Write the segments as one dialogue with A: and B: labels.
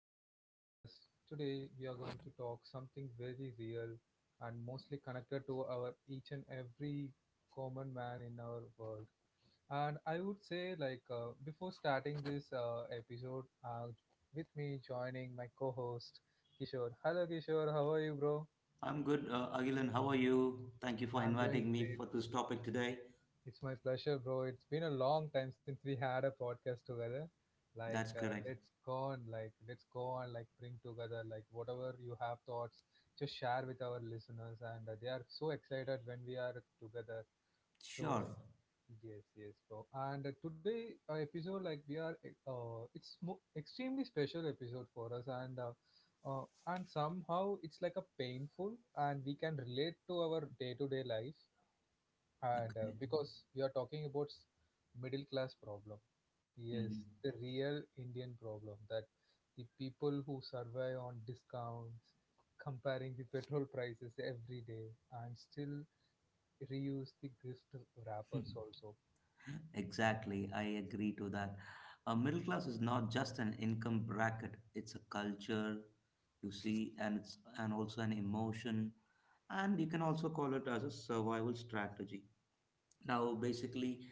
A: Agilan Podcast. Today we are going to talk something very real and mostly connected to our each and every common man in our world. And I would say before starting this episode, with me joining my co-host Kishore. Hello Kishore, how are you, bro?
B: I'm good, Agilan. How are you? Thank you for
A: I'm doing
B: inviting me
A: great.
B: for this topic today.
A: It's my pleasure, bro. It's been a long time since we had a podcast together.
B: That's correct.
A: Let's go on, like, bring together, like, whatever you have thoughts, just share with our listeners. And they are so excited when we are together.
B: Sure.
A: So, yes, yes, bro. And today, episode, like, we are, eh, it's mo- extremely special episode for us. And somehow it's like a painful and we can relate to our day-to-day life and
B: Okay.
A: because we are talking about middle class problem, yes,
B: Mhm.
A: the real indian problem, that the people who survive on discounts, comparing the petrol prices every day and still reuse the gift wrappers also.
B: Exactly. I agree to that. A middle class is not just an income bracket. It's a culture, you see, and it's and also an emotion, and you can also call it as a survival strategy. Now, basically,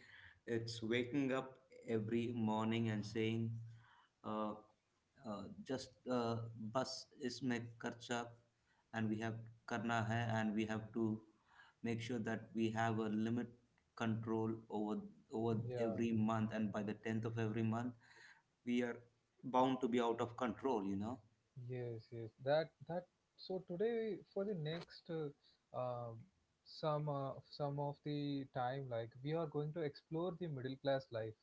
B: it's waking up every morning and saying, uh, just bus is make Karchak, and we have Karna hai, and we have to make sure that we have a limit control over
A: Yeah.
B: every month, and by the 10th of every month we are bound to be out of control.
A: Yes, yes. That so today for the next um some of the time, like we are going to explore the middle class life,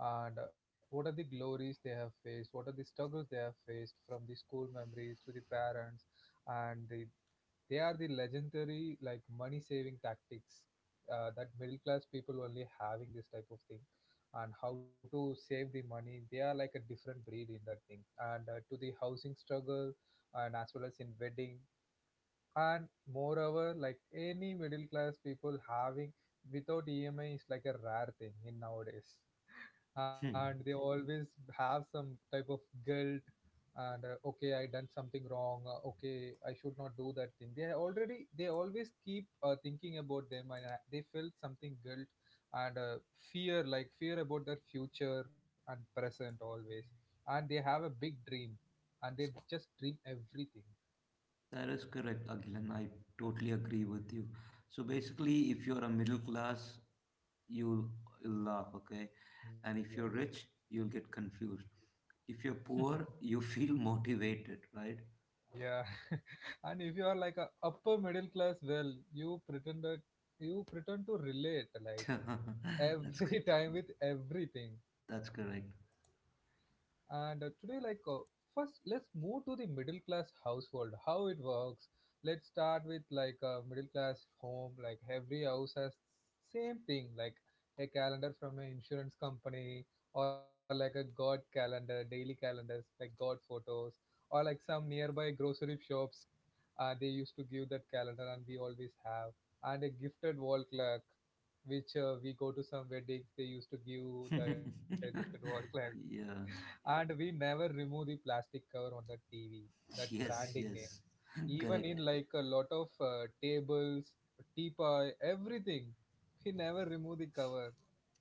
A: and what are the glories they have faced, what are the struggles they have faced, from the school memories to the parents and the, they are the legendary like money saving tactics, that middle class people only having this type of thing, and how to save the money they are like a different breed in that thing, and to the housing struggle, and as well as in wedding, and moreover like any middle class people having without emi is like a rare thing in nowadays,
B: Hmm.
A: and they always have some type of guilt, and okay, I done something wrong, okay, I should not do that thing, they are already, they always keep thinking about them, and they feel something guilt, and fear, like fear about their future and present always, and they have a big dream, and they just dream everything.
B: That is correct, Agilan. I totally agree with you. So basically, if you're a middle class, you'll, you'll laugh, okay?
A: Yes.
B: And if you're rich, you'll get confused. If you're poor, you feel motivated, right?
A: Yeah. And if you are like a upper middle class, well you pretended, you pretend to relate like
B: that's c-
A: every time with everything.
B: that's correct.
A: And today, first, let's move to the middle class household, how it works. Let's start with like a middle class home. Like every house has same thing, like a calendar from an insurance company, or like a god calendar, daily calendars, like god photos, or like some nearby grocery shops. They used to give that calendar, and we always have. And a gifted wall clock, which we go to some weddings. They used to give that gifted wall
B: Yeah.
A: clock, and we never remove the plastic cover on the TV, that
B: Yes.
A: branding name.
B: Yes.
A: Even in
B: Correct.
A: like a lot of tables, teapot, everything, we never remove the cover.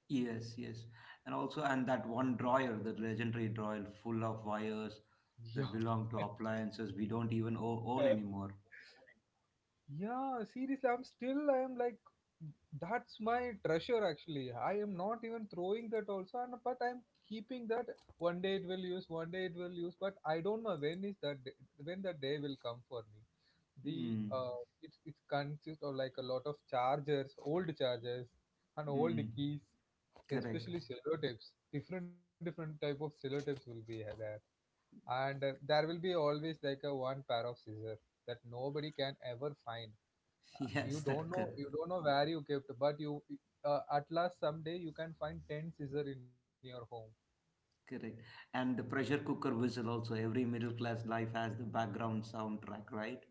B: Yes. Yes. And also, and that one drawer, the legendary drawer, full of wires that
A: Yeah.
B: belong to appliances we don't even own anymore.
A: Yeah, seriously, I am like, that's my treasure actually. I am not even throwing that also, and but I'm keeping that. One day it will use, one day it will use, but I don't know when is that day, when that day will come for me. The
B: Hmm.
A: it it consists of like a lot of chargers, old chargers, and
B: Hmm.
A: old keys,
B: Correct.
A: especially sellotapes. Different type of sellotapes will be there, and there will be always like a one pair of scissors that nobody can ever find.
B: Yes,
A: You
B: that
A: don't know,
B: correct.
A: you don't know where you kept, but you, at last someday you can find 10 scissor in your home.
B: Correct. And the pressure cooker whistle also. Every middle class life has the background soundtrack, right?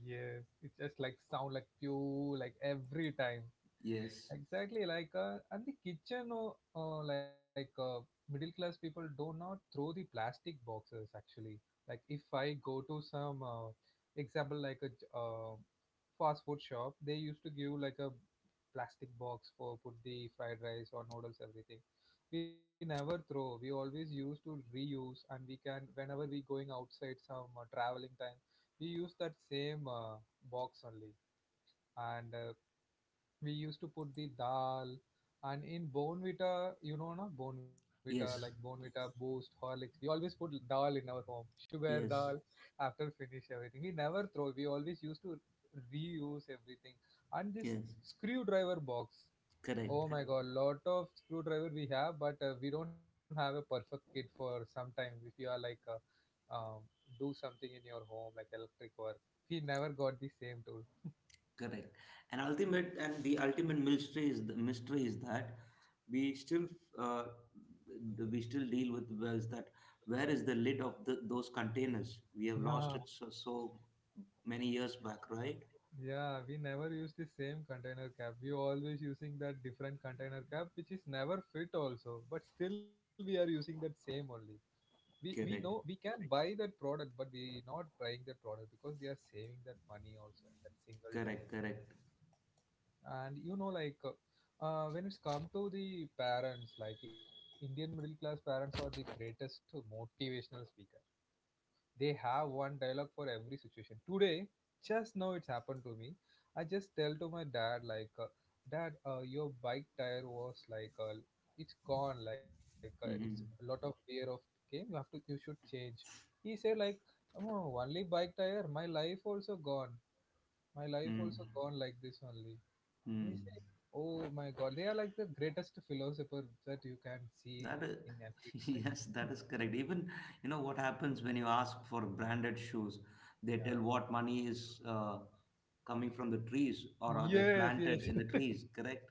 A: Yes, it just like sound like pew like every time.
B: Yes.
A: Exactly. And the kitchen, uh, like uh, middle class people do not throw the plastic boxes actually. Like if I go to some example like a fast food shop, they used to give like a plastic box for put the fried rice or noodles everything. We never throw. We always use to reuse, and we can whenever we going outside some traveling time, we use that same box only, and we used to put the dal, and in bonvita, you know, no bonvita, like
B: Yes.
A: bonvita boost horlicks, we always put dal in our home, sugar, dal.
B: Yes.
A: After finish everything, we never throw, we always used to reuse everything. And this
B: Yes.
A: screwdriver box,
B: Correct,
A: oh my god, lot of screwdriver we have, but we don't have a perfect kit for some time. If you are do something in your home, like electric work, we never got the same tool.
B: correct. And the ultimate mystery is that we still uh, we still deal with where is the lid of those containers? We have
A: Yeah,
B: lost it so, so many years back, right?
A: yeah, we never use the same container cap. We always using that different container cap, which is never fit also. But still, we are using that same only. We know we
B: Correct,
A: can buy that product, but we not buying that product because we are saving that money also at that single time.
B: correct, correct.
A: And you know, when it's come to the parents, like indian middle class parents are the greatest motivational speaker. They have one dialogue for every situation. Today just now it's happened to me. I just tell to my dad, dad, your bike tire was like it's gone, like it's a lot
B: Mm-hmm.
A: of wear of came, you have to, you should change. He said like, oh, only bike tire, my life also gone, my life also gone like this only. Nietzsche,
B: Mm-hmm.
A: oh my god, they are like the greatest philosopher that you can see in
B: That is,
A: everyday life.
B: yes, that is correct. Even, you know what happens when you ask for branded shoes, they
A: Yeah.
B: tell what money is, coming from the trees, or are they
A: Yes,
B: planted
A: yes,
B: in the trees, correct?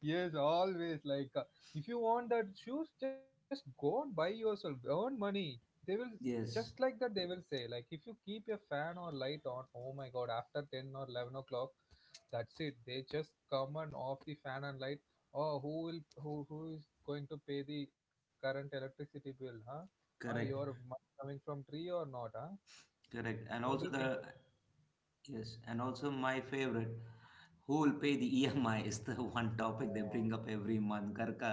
A: yes. Always like if you want that shoes, just go and buy yourself. Earn money. They will just
B: Yes,
A: like that. They will say like, if you keep your fan or light on, oh my god, after ten or eleven o'clock, that's it. They just come and off the fan and light. Oh, who who is going to pay the current electricity bill? Huh? Huh? Your
B: correct,
A: money coming from tree or not? Huh?
B: correct. And
A: What do
B: also
A: you think
B: the,
A: of
B: yes, and also my favorite, who will pay the EMI is the
A: it?
B: one topic they
A: Oh,
B: bring up every month. Karka,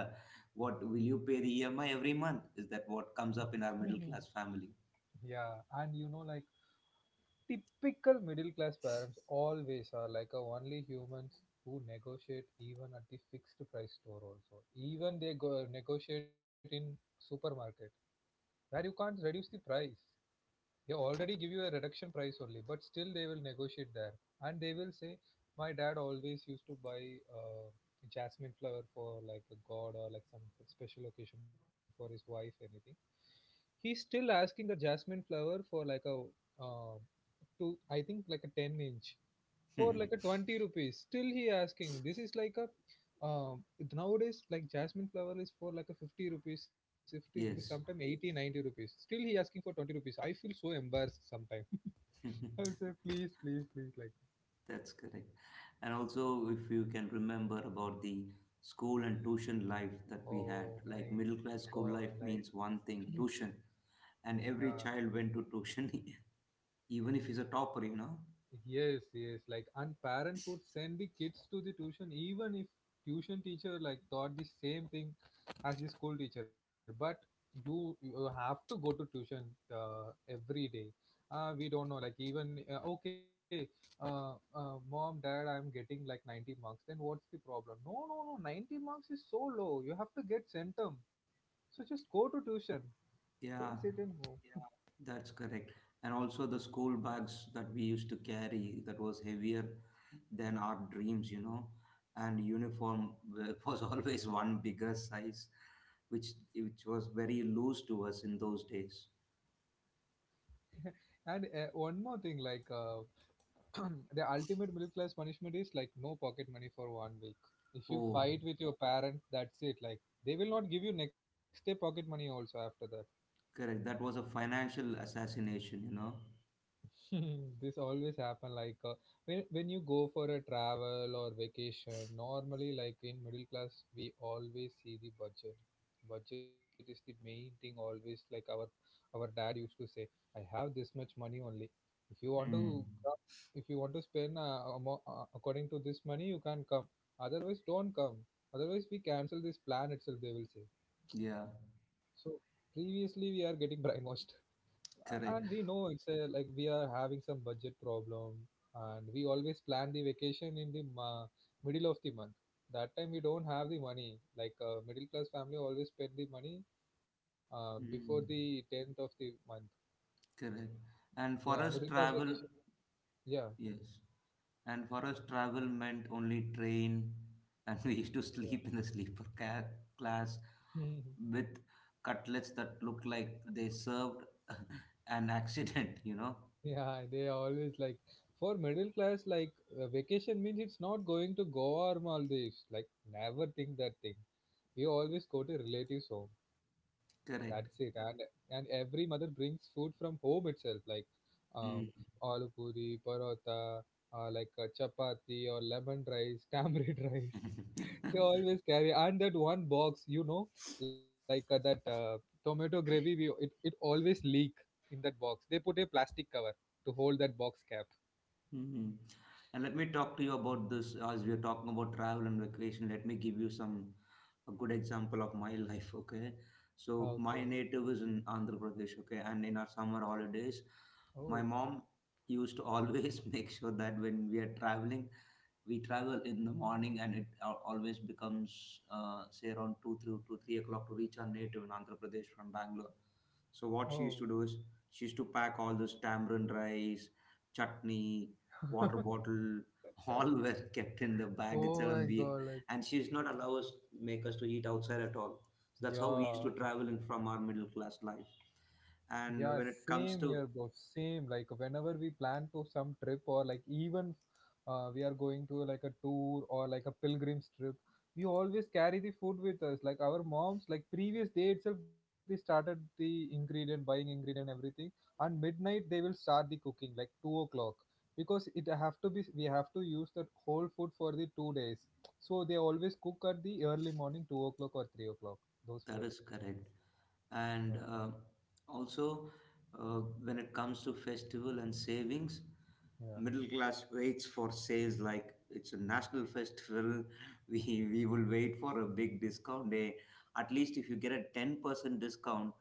B: what will you pay the EMI every month? Is that what comes up in our
A: yeah.
B: middle class family?
A: Yeah, and you know, like typical middle class parents always are like a only humans who negotiate even at the fixed price store also. Even they go negotiate in supermarket where you can't reduce the price. They already give you a reduction price only, but still they will negotiate there. And they will say, my dad always used to buy uh, jasmine flower for like a god or like some special occasion for his wife, anything. He's still asking that jasmine flower for like a uh, two, I think like a 10 inch, for like a 20 rupees, still he asking. This is like a uh, nowadays like jasmine flower is for like a 50 rupees, 50 rupees, sometimes
B: Yes.
A: 80, 90 rupees, still he asking for 20 rupees. I feel so embarrassed sometimes. I will say please, please, please, like,
B: That's correct. And also, if you can remember about the school and tuition life that we had,
A: oh my
B: like middle
A: god,
B: class school
A: like,
B: life means one thing, tuition. And
A: yeah.
B: every child went to tuition, even if he's a topper, you know?
A: Yes, yes. Like, and parents would send the kids to the tuition, even if tuition teacher like taught the same thing as the school teacher. But you have to go to tuition every day. We don't know. Mom, dad, I'm getting like 90 marks. Then what's the problem? No, no, no. 90 marks is so low. You have to get centum. So just go to tuition.
B: Yeah,
A: Don't sit in home.
B: that's correct. And also, the school bags that we used to carry that was heavier than our dreams, you know? And uniform was always one bigger size, which, which was very loose to us in those days.
A: and one more thing, like. The ultimate middle class punishment is like no pocket money for one week. If you
B: Oh,
A: fight with your parents, that's it. Like they will not give you next day pocket money also after that.
B: correct. That was a financial assassination.
A: This always happen like when you go for a travel or vacation, normally like in middle class we always see the budget. Budget is the main thing always. Like our dad used to say, I have this much money only, if you want to
B: Hmm.
A: come, if you want to spend according to this money you can come, otherwise don't come, otherwise we cancel this plan itself, they will say.
B: Yeah,
A: So previously we are getting brainwashed, and we
B: correct.
A: know it's a, like we are having some budget problem, and we always plan the vacation in the middle of the month. That time we don't have the money. Like middle class family always spend the money before the
B: Hmm.
A: 10th of the month.
B: Correct. And
A: Yeah,
B: for us,
A: middle class
B: travel,
A: vacation, yeah,
B: yes. And for us, travel meant only train, and we used to
A: yeah.
B: sleep in the sleeper class,
A: Mhm.
B: with cutlets that looked like they served an accident.
A: Yeah, they are always like, for middle class, like vacation means it's not going to Goa or Maldives. Like, never think that thing. We always go to relatives' home. That's it.
B: Correct.
A: And every mother brings food from home itself, like um,
B: Hmm.
A: aloo puri, parota, chapati or lemon rice, tamarind rice. She always carry and that one box, like that tomato gravy. We it it always leak in that box. They put a plastic cover to hold that box cap.
B: Mhm. And let me talk to you about this as we are talking about travel and vacation. Let me give you some a good example of my life. Okay, so
A: Okay.
B: my native is in Andhra Pradesh. Okay, and in our summer holidays, my
A: Oh,
B: mom used to always make sure that when we are traveling, we travel in the morning, and it always becomes, say, around 2 through to 3 o'clock to reach our native in Andhra Pradesh from Bangalore. So what she
A: oh,
B: used to do is, she used to pack all this tamarind rice, chutney, water bottle, all were kept in the bag
A: oh
B: itself,
A: my
B: and we
A: God! Like,
B: and she does not allow us, make us to eat outside at all, so that's how we used
A: yeah.
B: to travel in from our middle class life.
A: Yeah,
B: And when it
A: same
B: comes
A: here,
B: to
A: bro. Same. Like whenever we plan to some trip or like even we are going to like a tour or like a pilgrim's trip, we always carry the food with us. Like our moms, like previous day itself, they started the ingredient, buying ingredient and everything. And midnight they will start the cooking, like 2 o'clock, because it have to be. We have to use that whole food for the 2 days. So they always cook at the early morning, 2 o'clock or 3 o'clock. Those
B: That
A: food.
B: is correct.
A: Yeah.
B: And also, when it comes to festival and savings,
A: Yeah.
B: middle class waits for sales like it's a national festival. we we will wait for a big discount day. At least if you get a 10% discount,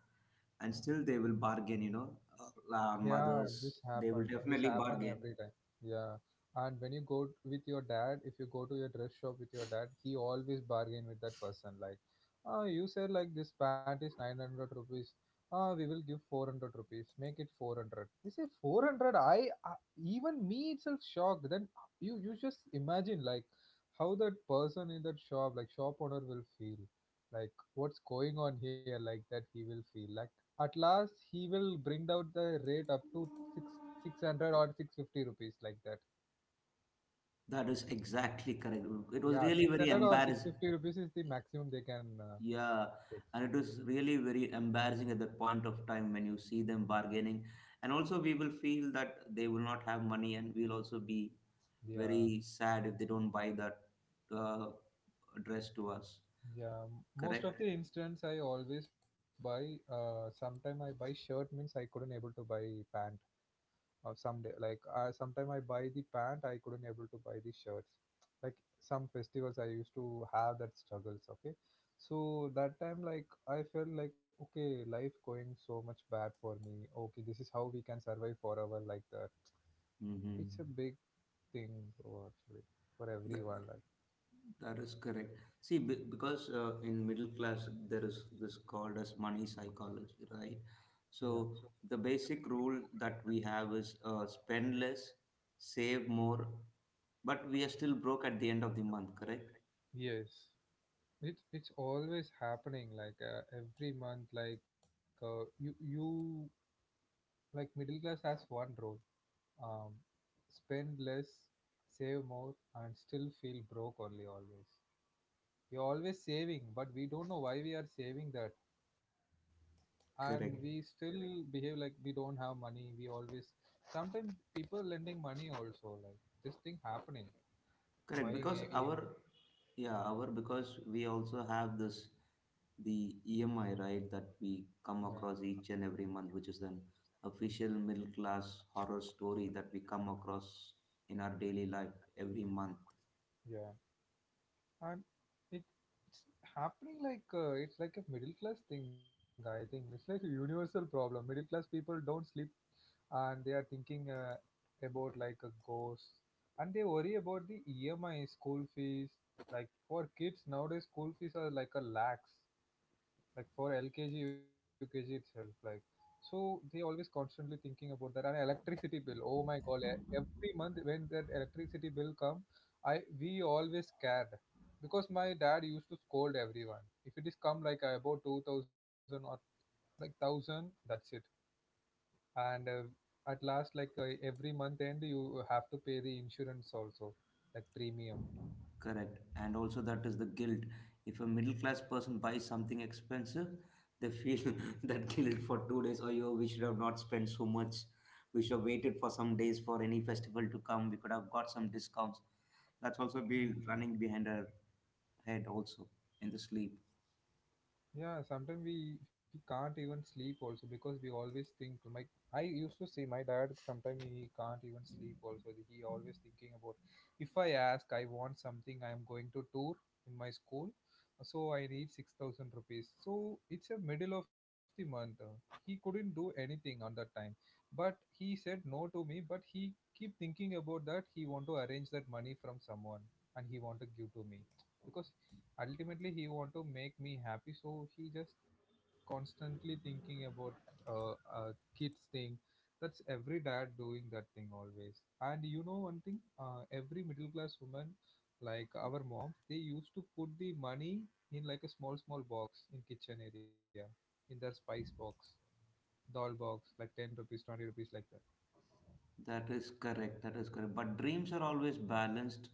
B: and still they will bargain, you know. Our
A: Yeah,
B: mothers,
A: this
B: they will
A: happen. This
B: definitely
A: happen
B: bargain.
A: every time. Yeah, and when you go with your dad, if you go to your dress shop with your dad, he always bargain with that person. Like, ah, you said like this pant is 900 rupees. Ah, we will give 400 rupees. Make it 400. You say 400. I even me itself shocked. Then you just imagine like how that person in that shop, like shop owner, will feel. Like what's going on here? Like that he will feel like at last, he will bring down the rate up to six hundred or 650 rupees, like that.
B: That is exactly correct. It was
A: Yeah,
B: really
A: six
B: very
A: hundred or six
B: embarrassing.
A: fifty rupees is the maximum they can.
B: Yeah,
A: Okay,
B: and it was really very embarrassing at that point of time when you see them bargaining. And also, we will feel that they will not have money, and we'll also be
A: yeah,
B: very sad if they don't buy that uh, dress to us.
A: yeah. Most of
B: Correct?
A: the instance I always buy. Sometime I buy shirt means I couldn't able to buy pant. Someday, like I sometime I buy the pant, I couldn't able to buy the shirts, like some festivals I used to have that struggles, okay, so that time like I felt like, okay, life going so much bad for me, okay, this is how we can survive forever, like that.
B: Mm-hmm.
A: It's a big thing, bro, actually, for
B: That,
A: everyone, like,
B: that is correct. See, because in middle class there is this called as money psychology, right?
A: yeah.
B: So the basic rule that we have is, spend less, save more, but we are still broke at the end of the month. Correct?
A: Yes, it's always happening, like every month, like you like middle class has one, bro. Um, spend less, save more, and still feel broke only always. You're always saving, but we don't know why we are saving that. And we
B: Correct.
A: still behave like we don't have money. We always sometimes people lending money also, like this thing happening.
B: Correct.
A: My
B: Because
A: E-
B: our
A: EMI.
B: yeah our because we also have this the EMI, right, that we
A: Yeah.
B: come across each and every month, which is an official middle class horror story that we come across in our daily life every month.
A: Yeah. And it it's happening like it's like a middle class thing. I think it's like a universal problem. Middle class people don't sleep, and they are thinking about like a ghost, and they worry about the EMI, school fees. Like, for kids nowadays school fees are like a lakhs, like for LKG UKG itself. Like, so they always constantly thinking about that, and electricity bill. Oh my God! Every month when that electricity bill come, I we always scared because my dad used to scold everyone. If it is come like about 2,000 or like thousand, that's it. And at last, like every month end, you have to pay the insurance also, like premium.
B: Correct. And also, that is the guilt. If a middle class person buys something expensive, they feel that guilt for 2 days. Oh, yo, we should have not spent so much. We should have waited for some days for any festival to come. We could have got some discounts. That's also be
A: Hmm.
B: running behind our head, also in the sleep.
A: Yeah, sometimes we can't even sleep also because we always think, like, I used to say my dad sometimes he can't even sleep also. He always thinking about, if I ask I want something I am going to tour in my school, so I need 6,000 rupees. So it's a middle of the month. He couldn't do anything on that time, but he said no to me. But he keep thinking about that. He want to arrange that money from someone, and he want to give to me because ultimately he want to make me happy, so he just constantly thinking about uh, uh kids thing. That's every dad doing that thing always. And you know one thing, every middle class woman, like our moms, they used to put the money in like a small small box in kitchen area, in their spice box, doll box, like 10 rupees, 20 rupees, like that,
B: That is correct. That is correct. But dreams are always balanced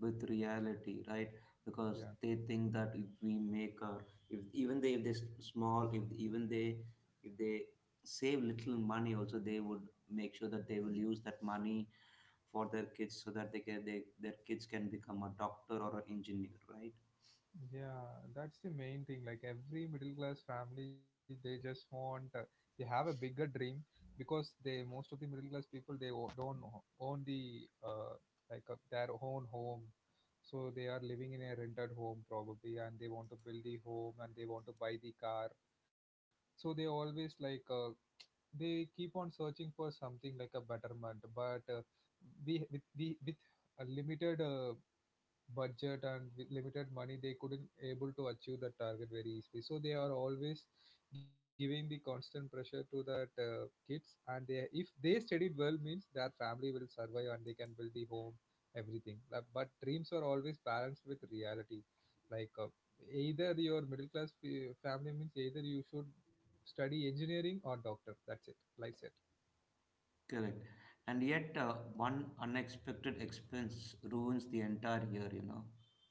B: with reality, right? Because
A: yeah.
B: they think that if we make our, if even they, if they s- small, if they save little money, also they would make sure that they will use that money for their kids, so that they can they their kids can become a doctor or an engineer, right?
A: Yeah, that's the main thing. Like every middle class family, they just want they have a bigger dream because they, most of the middle class people, they don't own the like their own home, so they are living in a rented home probably, and they want to build the home and they want to buy the car. So they always like they keep on searching for something like a betterment, but we with a limited budget, and with limited money they couldn't able to achieve that target very easily, so they are always giving the constant pressure to that kids, and they, if they studied well means, their family will survive and they can build the home, everything. Like, but dreams are always balanced with reality, like either your middle class family means either you should study engineering or doctor, that's it, like it.
B: Correct. And yet, one unexpected expense ruins the entire year.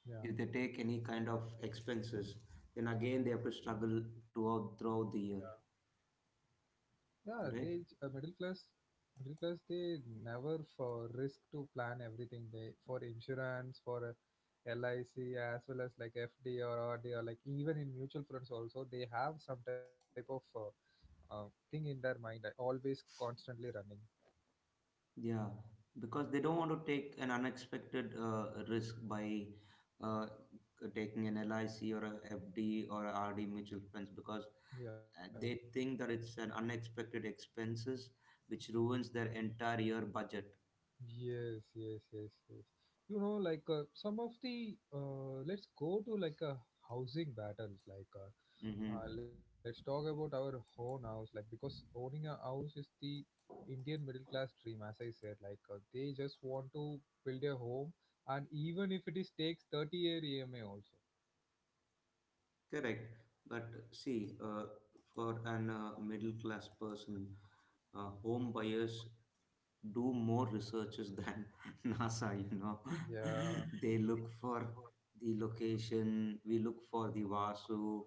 A: Yeah.
B: If they take any kind of expenses, then again they have to struggle throughout the year,
A: Yeah, they
B: correct?
A: middle class they never for risk to plan everything, they for insurance for LIC, as well as like FD or RD, or like even in mutual funds also, they have some type of thing in their mind, always constantly running.
B: Yeah, because they don't want to take an unexpected risk by uh, taking an LIC or a FD or a RD mutual funds, because
A: Yeah.
B: they think that it's an unexpected expenses which ruins their entire year budget.
A: Yes, yes, yes, yes. Like some of the let's go to, like housing battles, like
B: Mm-hmm.
A: Let's talk about our own house, like, because owning a house is the Indian middle class dream, as I said. Like they just want to build a home, and even if it is takes 30-year EMI also.
B: Correct. But see, for an middle class person, home buyers do more researches than NASA, you know.
A: Yeah,
B: They look for the location, we look for the Vasu,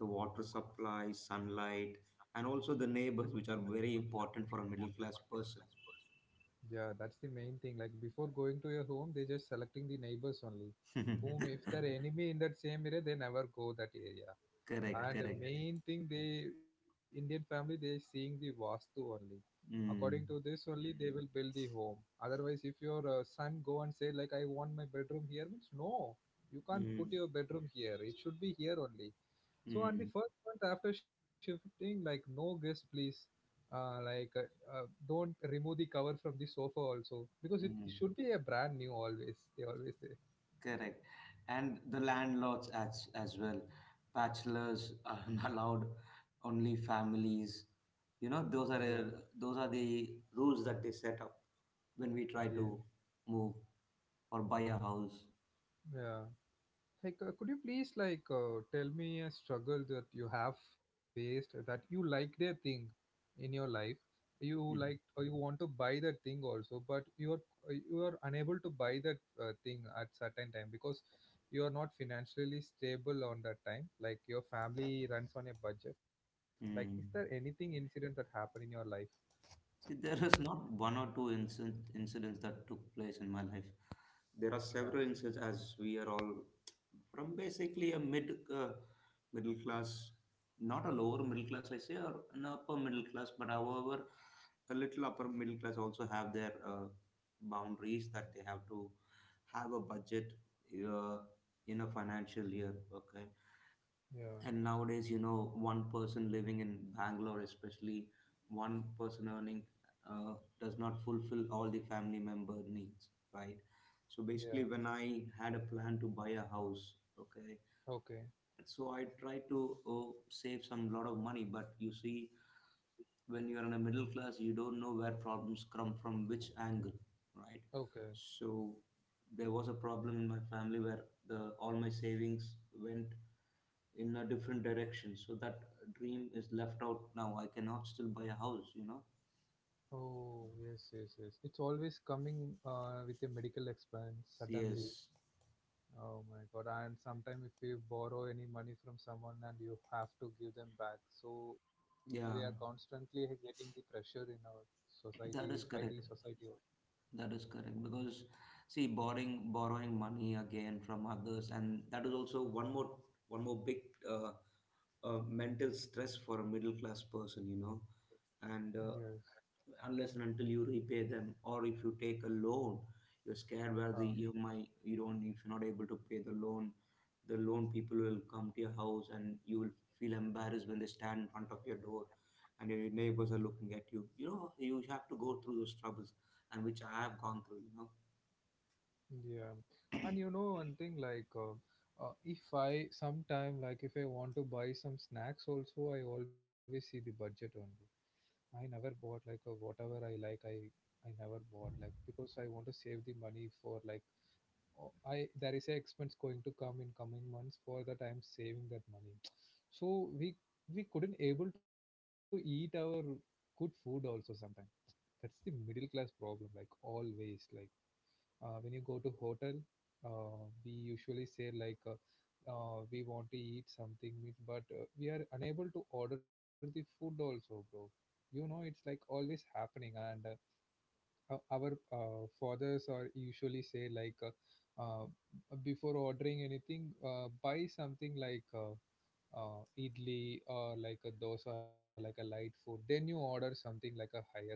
B: the water supply, sunlight, and also the neighbors, which are very important for a middle class person.
A: yeah, that's the main thing. Like before going to your home, they just selecting the neighbors only. Whom if they're enemy in that same area, they never go that area.
B: Correct,
A: And the correct
B: correct.
A: main thing, the Indian family they seeing the vastu only, according to
B: Mm,
A: this only they will build the home. Otherwise if your son go and say like, I want my bedroom here means no, you can't
B: mm,
A: put your bedroom here, it should be here only. So on
B: mm,
A: the first month after shifting, like, no guest please, like don't remove the cover from the sofa also because it
B: mm.
A: should be a brand new always, they always say.
B: Correct. And the landlords as well. Bachelors are allowed, only families. You know,
A: Yeah.
B: those are the rules that they set up when we try
A: Yes.
B: to move or buy a house.
A: Yeah. Like, could you please, like tell me a struggle that you have faced, that you liked a thing in your life? You
B: Mm.
A: like or you want to buy that thing also, but you are unable to buy that thing at certain time because you are not financially stable on that time. Like your family runs on a budget. Like, is there
B: Mm.
A: anything incident that happened in your life?
B: See, there is not one or two incidents that took place in my life. There are
A: Yeah,
B: several incidents, as we are all from basically a uh, middle class, not a lower middle class, I say, or an upper middle class, but however, a little upper middle class also have their boundaries, that they have to have a budget uh, in a financial year. Okay,
A: yeah,
B: and nowadays, you know, one person living in Bangalore, especially, one person earning, uh, does not fulfill all the family member needs, right? So
A: yeah.
B: basically, when I had a plan to buy a house, okay,
A: Okay,
B: so I tried to, save some lot of money, but you see, when you're in a middle class, you don't know where problems come from, which angle, right?
A: okay.
B: So there was a problem in my family where the all my savings went in a different direction, so that dream is left out. Now I cannot still buy a house.
A: Oh, yes, yes, yes. It's always coming with a medical expense suddenly.
B: Yes,
A: Oh my God. And sometimes if you borrow any money from someone, and you have to give them back, so we are
B: yeah,
A: constantly getting the pressure in our society by
B: that is
A: the
B: correct.
A: society.
B: That is correct. Because see, borrowing money again from others, and that is also one more big, uh, mental stress for a middle class person. And
A: Yes.
B: unless and until you repay them, or if you take a loan, you're scared where the
A: Uh,
B: EMI, you don't if you're not able to pay the loan, the loan people will come to your house, and you will feel embarrassed when they stand in front of your door, and your neighbors are looking at you you know you have to go through those troubles, and which I have gone through.
A: yeah. And you know one thing, like if I sometime, like if I want to buy some snacks also, I always see the budget only. I never bought like a whatever I like. I never bought like, because I want to save the money for, like, o- I there is a expense going to come in coming months. For that, I'm saving that money. So we we couldn't able to eat our good food also sometime. That's the middle class problem. Like always, like when you go to hotel, we usually say, like we want to eat something but we are unable to order the food also, bro, it's like always happening, and our fathers are usually say, like uh, before ordering anything, buy something like idli, or like a dosa, like a light food, then you order something like a higher food.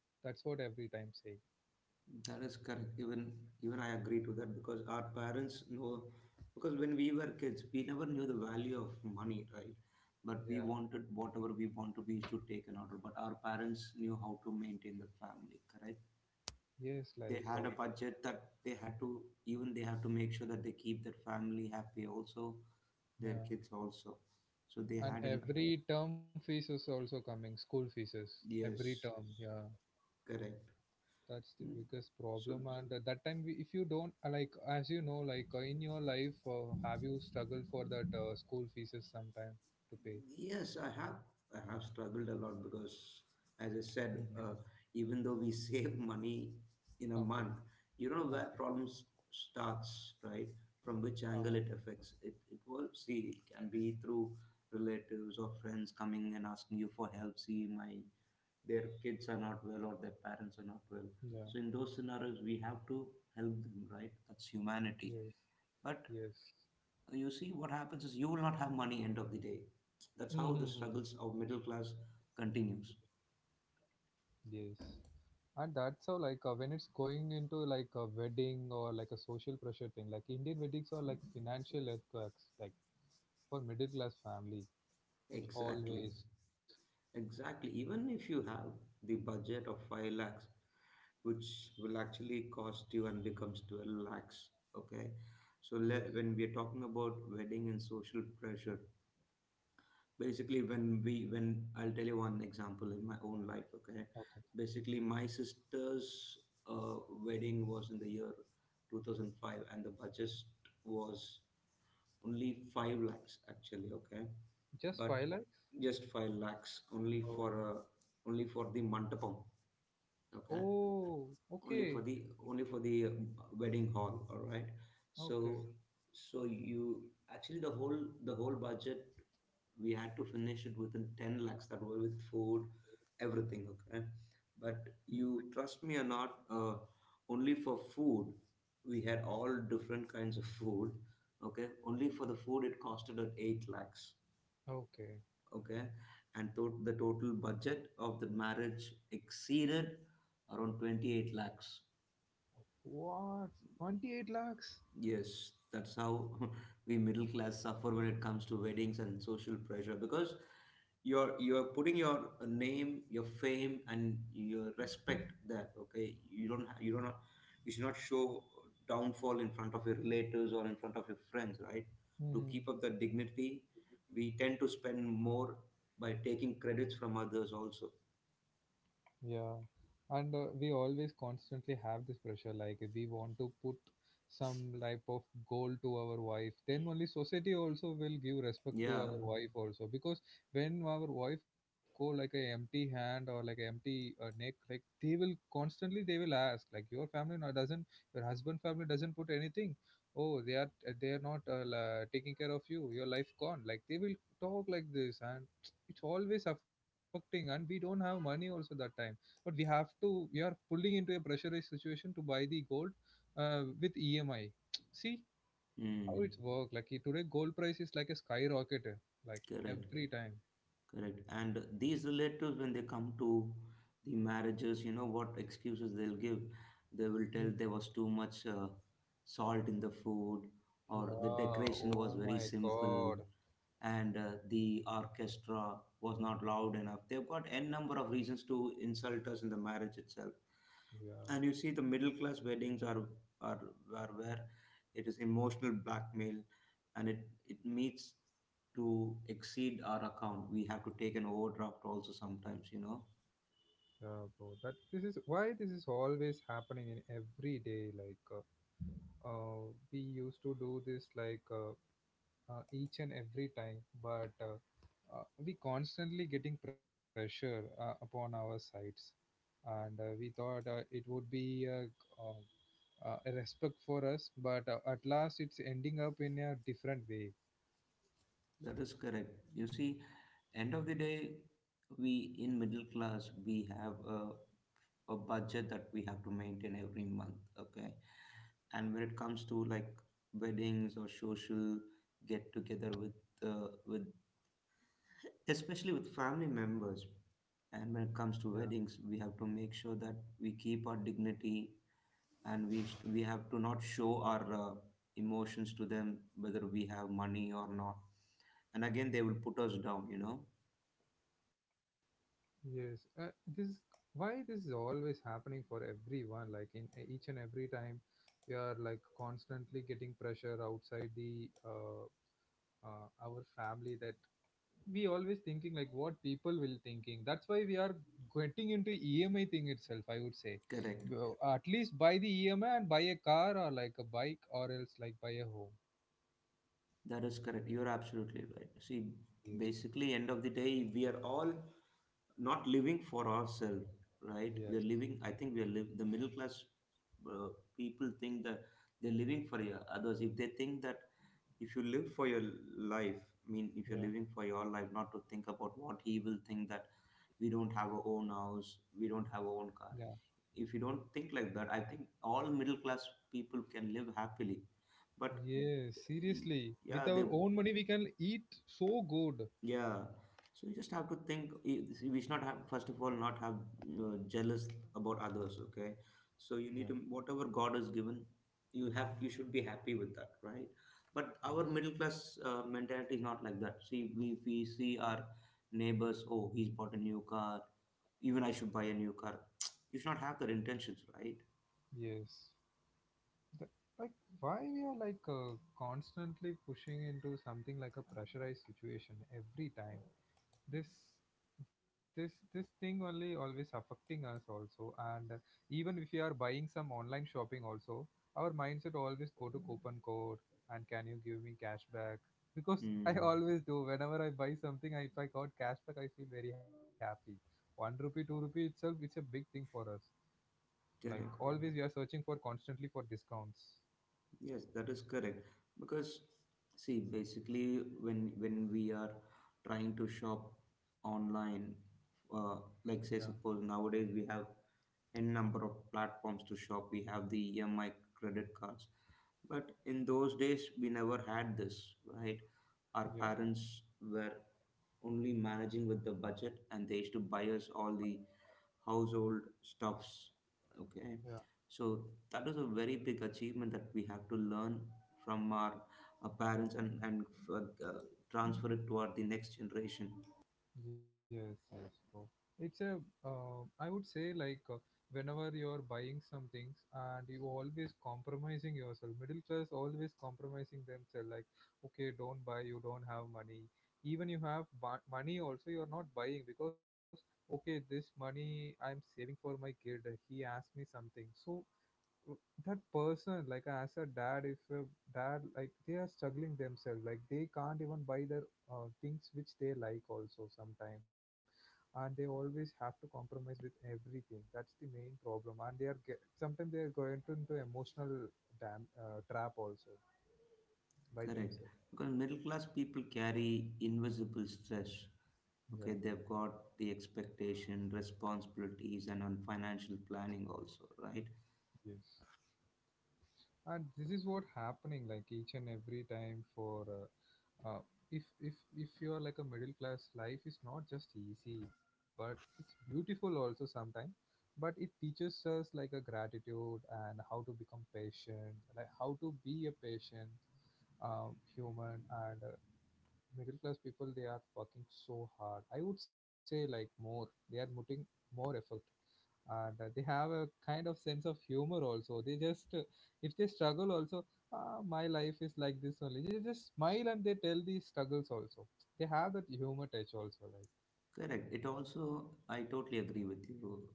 A: That's what every time say.
B: That is correct. Even I agree to that, because our parents know, because when we were kids, we never knew the value of money, right? But we
A: Yeah.
B: wanted whatever we wanted, we used to take an order. But our parents knew how to maintain the family, correct?
A: Yes,
B: They
A: like
B: had a budget that they had to, even they have to make sure that they keep their family happy also, their
A: yeah.
B: kids also. So they
A: And
B: had an
A: every term fees is also coming, school fees is every
B: Yes,
A: term. Yeah,
B: correct.
A: that's the biggest
B: So,
A: problem. And that time, if you don't like, as you know, like in your life, have you struggled for that school fees is sometime to pay?
B: Yes, I have. I have struggled a lot because, as I
A: Mm-hmm.
B: said, even though we save money in a
A: Okay,
B: month, you know where
A: okay.
B: problems starts, right? From which angle
A: Uh,
B: it affects it. It will see. It can be through relatives or friends coming and asking you for help. See, my their kids are not well or their parents are not well.
A: yeah,
B: So in those scenarios, we have to help them, right? That's humanity.
A: yes,
B: But
A: yes.
B: you see what happens is you will not have money end of the day. That's how the
A: Mm-hmm.
B: struggles of middle class continues.
A: Yes. And that's how, like, when it's going into like a wedding or like a social pressure thing, like Indian weddings are like financial earthquakes, like for middle class families. It
B: Exactly.
A: always,
B: Exactly. Even if you have the budget of 5 lakhs, which will actually cost you and becomes 12 lakhs, okay?
A: yes.
B: When we are talking about wedding and social pressure, basically when we when I'll tell you one example in my own life.
A: Okay.
B: Okay, basically my sister's uh, wedding was in the year 2005 and the budget was only 5 lakhs actually, okay?
A: Just
B: But
A: 5 lakhs?
B: just 5 lakhs
A: Oh,
B: only for the mandapam, okay?
A: oh,
B: only for
A: okay,
B: the Only for the wedding hall, all right? So
A: okay,
B: you actually the whole budget we had to finish it within 10 lakhs, that was with food everything, okay? But
A: hmm,
B: you trust me or not, only for food we had all different kinds of food. Okay, only for the food it costed at 8 lakhs,
A: okay.
B: okay? And the total budget of the marriage exceeded around 28 lakhs.
A: What? 28 lakhs?
B: Yes, that's how we middle class suffer when it comes to weddings and social pressure, because you're putting your name, your fame, and your respect there. Okay, you don't ha- you should not show downfall in front of your relatives or in front of your friends, right? To keep
A: Hmm.
B: up the dignity, we tend to spend more by taking credits from others also.
A: Yeah, and we always constantly have this pressure like if we want to put some type of goal to our wife, then only society also will give respect to
B: Yeah,
A: our wife also because when our wife go like a empty hand or like a empty neck, like they will constantly they will ask like your family no doesn't your husband family doesn't put anything. Oh, they are not taking care of you. Your life gone. Like they will talk like this, and it's always affecting, and we don't have money also that time but we have to we are pulling into a pressurized situation to buy the gold with EMI. See
B: mm,
A: how it's work. Like today, gold price is like a skyrocket. Like
B: correct.
A: every time.
B: Correct. And these relatives, when they come to the marriages, you know what excuses they'll give. They will tell
A: Mm,
B: there was too much salt in the food, or the
A: Yeah,
B: decoration was
A: oh
B: very
A: my
B: simple,
A: god.
B: and the orchestra was not loud enough. They've got n number of reasons to insult us in the marriage itself.
A: Yeah,
B: And you see the middle class weddings are are, are where it is emotional blackmail, and it meets to exceed our account. We have to take an overdraft also sometimes, you know?
A: yeah, bro. That This is why this is always happening in every day. Like, uh we used to do this like each and every time, but we constantly getting pressure upon our sides, and we thought it would be a respect for us, but at last it's ending up in a different way.
B: That is correct. You see, end of the day, we in middle class we have a budget that we have to maintain every month, okay? And when it comes to like weddings or social get together with uh, with especially with family members, and when it comes
A: Yeah,
B: to weddings, we have to make sure that we keep our dignity, and we have to not show our emotions to them whether we have money or not, and again they will put us down, you know?
A: yes. This is why this is always happening for everyone. Like in each and every time, we are like constantly getting pressure outside the our family that we always thinking like what people will thinking. That's why we are getting into EMI thing itself, I would say.
B: Correct.
A: Well, at least buy the EMI and buy a car or like a bike or else like buy a home.
B: That is correct. You're absolutely right. See,
A: Yes,
B: basically end of the day, we are all not living for ourselves, right? We are
A: yes.
B: living, I think we are live, the middle class uh, people think that they're living for your others. If they think that if you live for your life, I mean, if you're
A: Yeah,
B: living for your life not to think about what he will think that we don't have our own house, we don't have our own car.
A: yeah.
B: If you don't think like that, I think all middle class people can live happily. But
A: Yes, seriously, with
B: yeah, they,
A: our own money we can eat, so good.
B: yeah, so you just have to think. We should not have, first of all not have jealous about others. Okay, so you need
A: Yeah,
B: to, whatever God has given, you have, you should be happy with that, right? But our
A: yes,
B: middle class mentality is not like that. See, we if we see our neighbors. Oh, he's bought a new car. Even I should buy a new car. You should not have that intentions, right?
A: yes. Th- like why we are like constantly pushing into something like a pressurized situation every time. This this this thing only always affecting us also, and even if we are buying some online shopping also, our mindset always go to coupon code and can you give me cashback because I
B: Mm.
A: always do. Whenever I buy something I, if I got cashback I feel very happy. One rupee two rupee itself it's a big thing for us, like.
B: Correct.
A: Yeah, always we are searching for constantly for discounts.
B: Yes, that is correct. Because see, basically, when we are trying to shop online, uh,
A: Yeah,
B: like say suppose nowadays we have n number of platforms to shop. We have the EMI credit cards, but in those days we never had this, right? Our
A: yeah,
B: parents were only managing with the budget, and they used to buy us all the household stuffs. Okay,
A: yeah.
B: so that is a very big achievement that we have to learn from our parents, and uh, transfer it to our the next generation.
A: Yes, yes, bro. It's a, I would say like whenever you're buying some things and you always compromising yourself, middle class always compromising themselves like, okay, don't buy, you don't have money. Even you have money also, you're not buying because, okay, this money I'm saving for my kid, he asked me something. So that person like as a dad, if a dad like they are struggling themselves, like they can't even buy their things which they like also sometimes, and they always have to compromise with everything. That's the main problem, and sometimes they are going to, into emotional dam, trap also by
B: Correct,
A: themselves.
B: because middle class people carry invisible stress. Okay,
A: Yeah,
B: they've got the expectation, responsibilities, and on financial planning also, right?
A: yes. And this is what happening like each and every time for uh, if if you are like a middle class, life is not just easy but it's beautiful also sometimes, but it teaches us like a gratitude and how to become patient, like how to be a patient uh, human. And middle class people, they are working so hard, I would say, like more, they are putting more effort. And they have a kind of sense of humor also. They just if they struggle also, ah, my life is like this only, they just smile and they tell the struggles also. They have that humor touch also, like.
B: Correct. It also, I totally agree with you,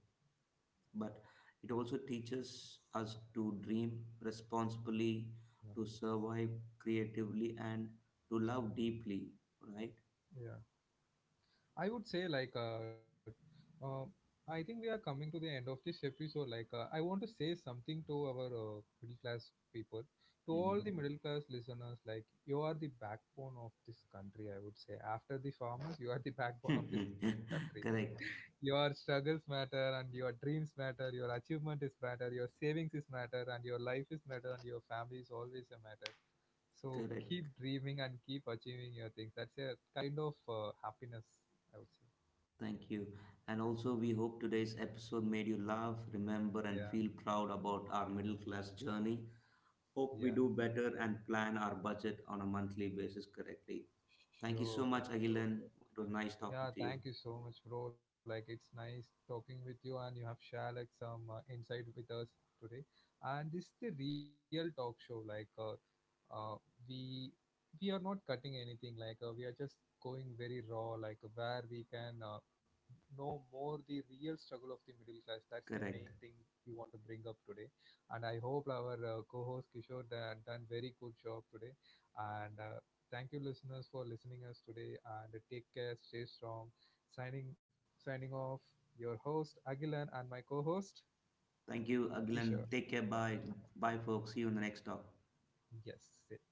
B: but it also teaches us to dream responsibly, to survive creatively, and to love deeply, right?
A: Yeah, yeah. I would say like uh I think we are coming to the end of this episode. Like I want to say something to our middle class people. To
B: Mm-hmm.
A: all the middle class listeners, like, you are the backbone of this country, I would say, after the farmers you are the backbone of this country.
B: correct,
A: Your struggles matter, and your dreams matter, your achievement is matter, your savings is matter, and your life is matter, and your family is always a matter. So
B: correct.
A: keep dreaming and keep achieving your things. That's a kind of happiness, I would say.
B: Thank you. And also, we hope today's episode made you laugh, remember, and
A: Yeah,
B: feel proud about our middle class journey. Hope we
A: yeah.
B: do better and plan our budget on a monthly basis correctly. Thank you so
A: Sure,
B: much,
A: bro,
B: Agilan.
A: sure.
B: It was nice talking to
A: Yeah,
B: you.
A: thank you so much, bro. Like, it's nice talking with you, and you have shared like some insight with us today. And this is the real talk show. Like, uh, we we are not cutting anything. Like, we are just going very raw. Like, where we can know more the real struggle of the middle class. That's the main
B: Correct.
A: thing we want to bring up today. And I hope our co-host Kishore done very good job today. And thank you, listeners, for listening us today. And take care, stay strong. Signing off. Your host Agilan and my co-host
B: Thank you, Agilan.
A: Kishore.
B: Take care. Bye. Bye, folks. See you in the next talk.
A: Yes,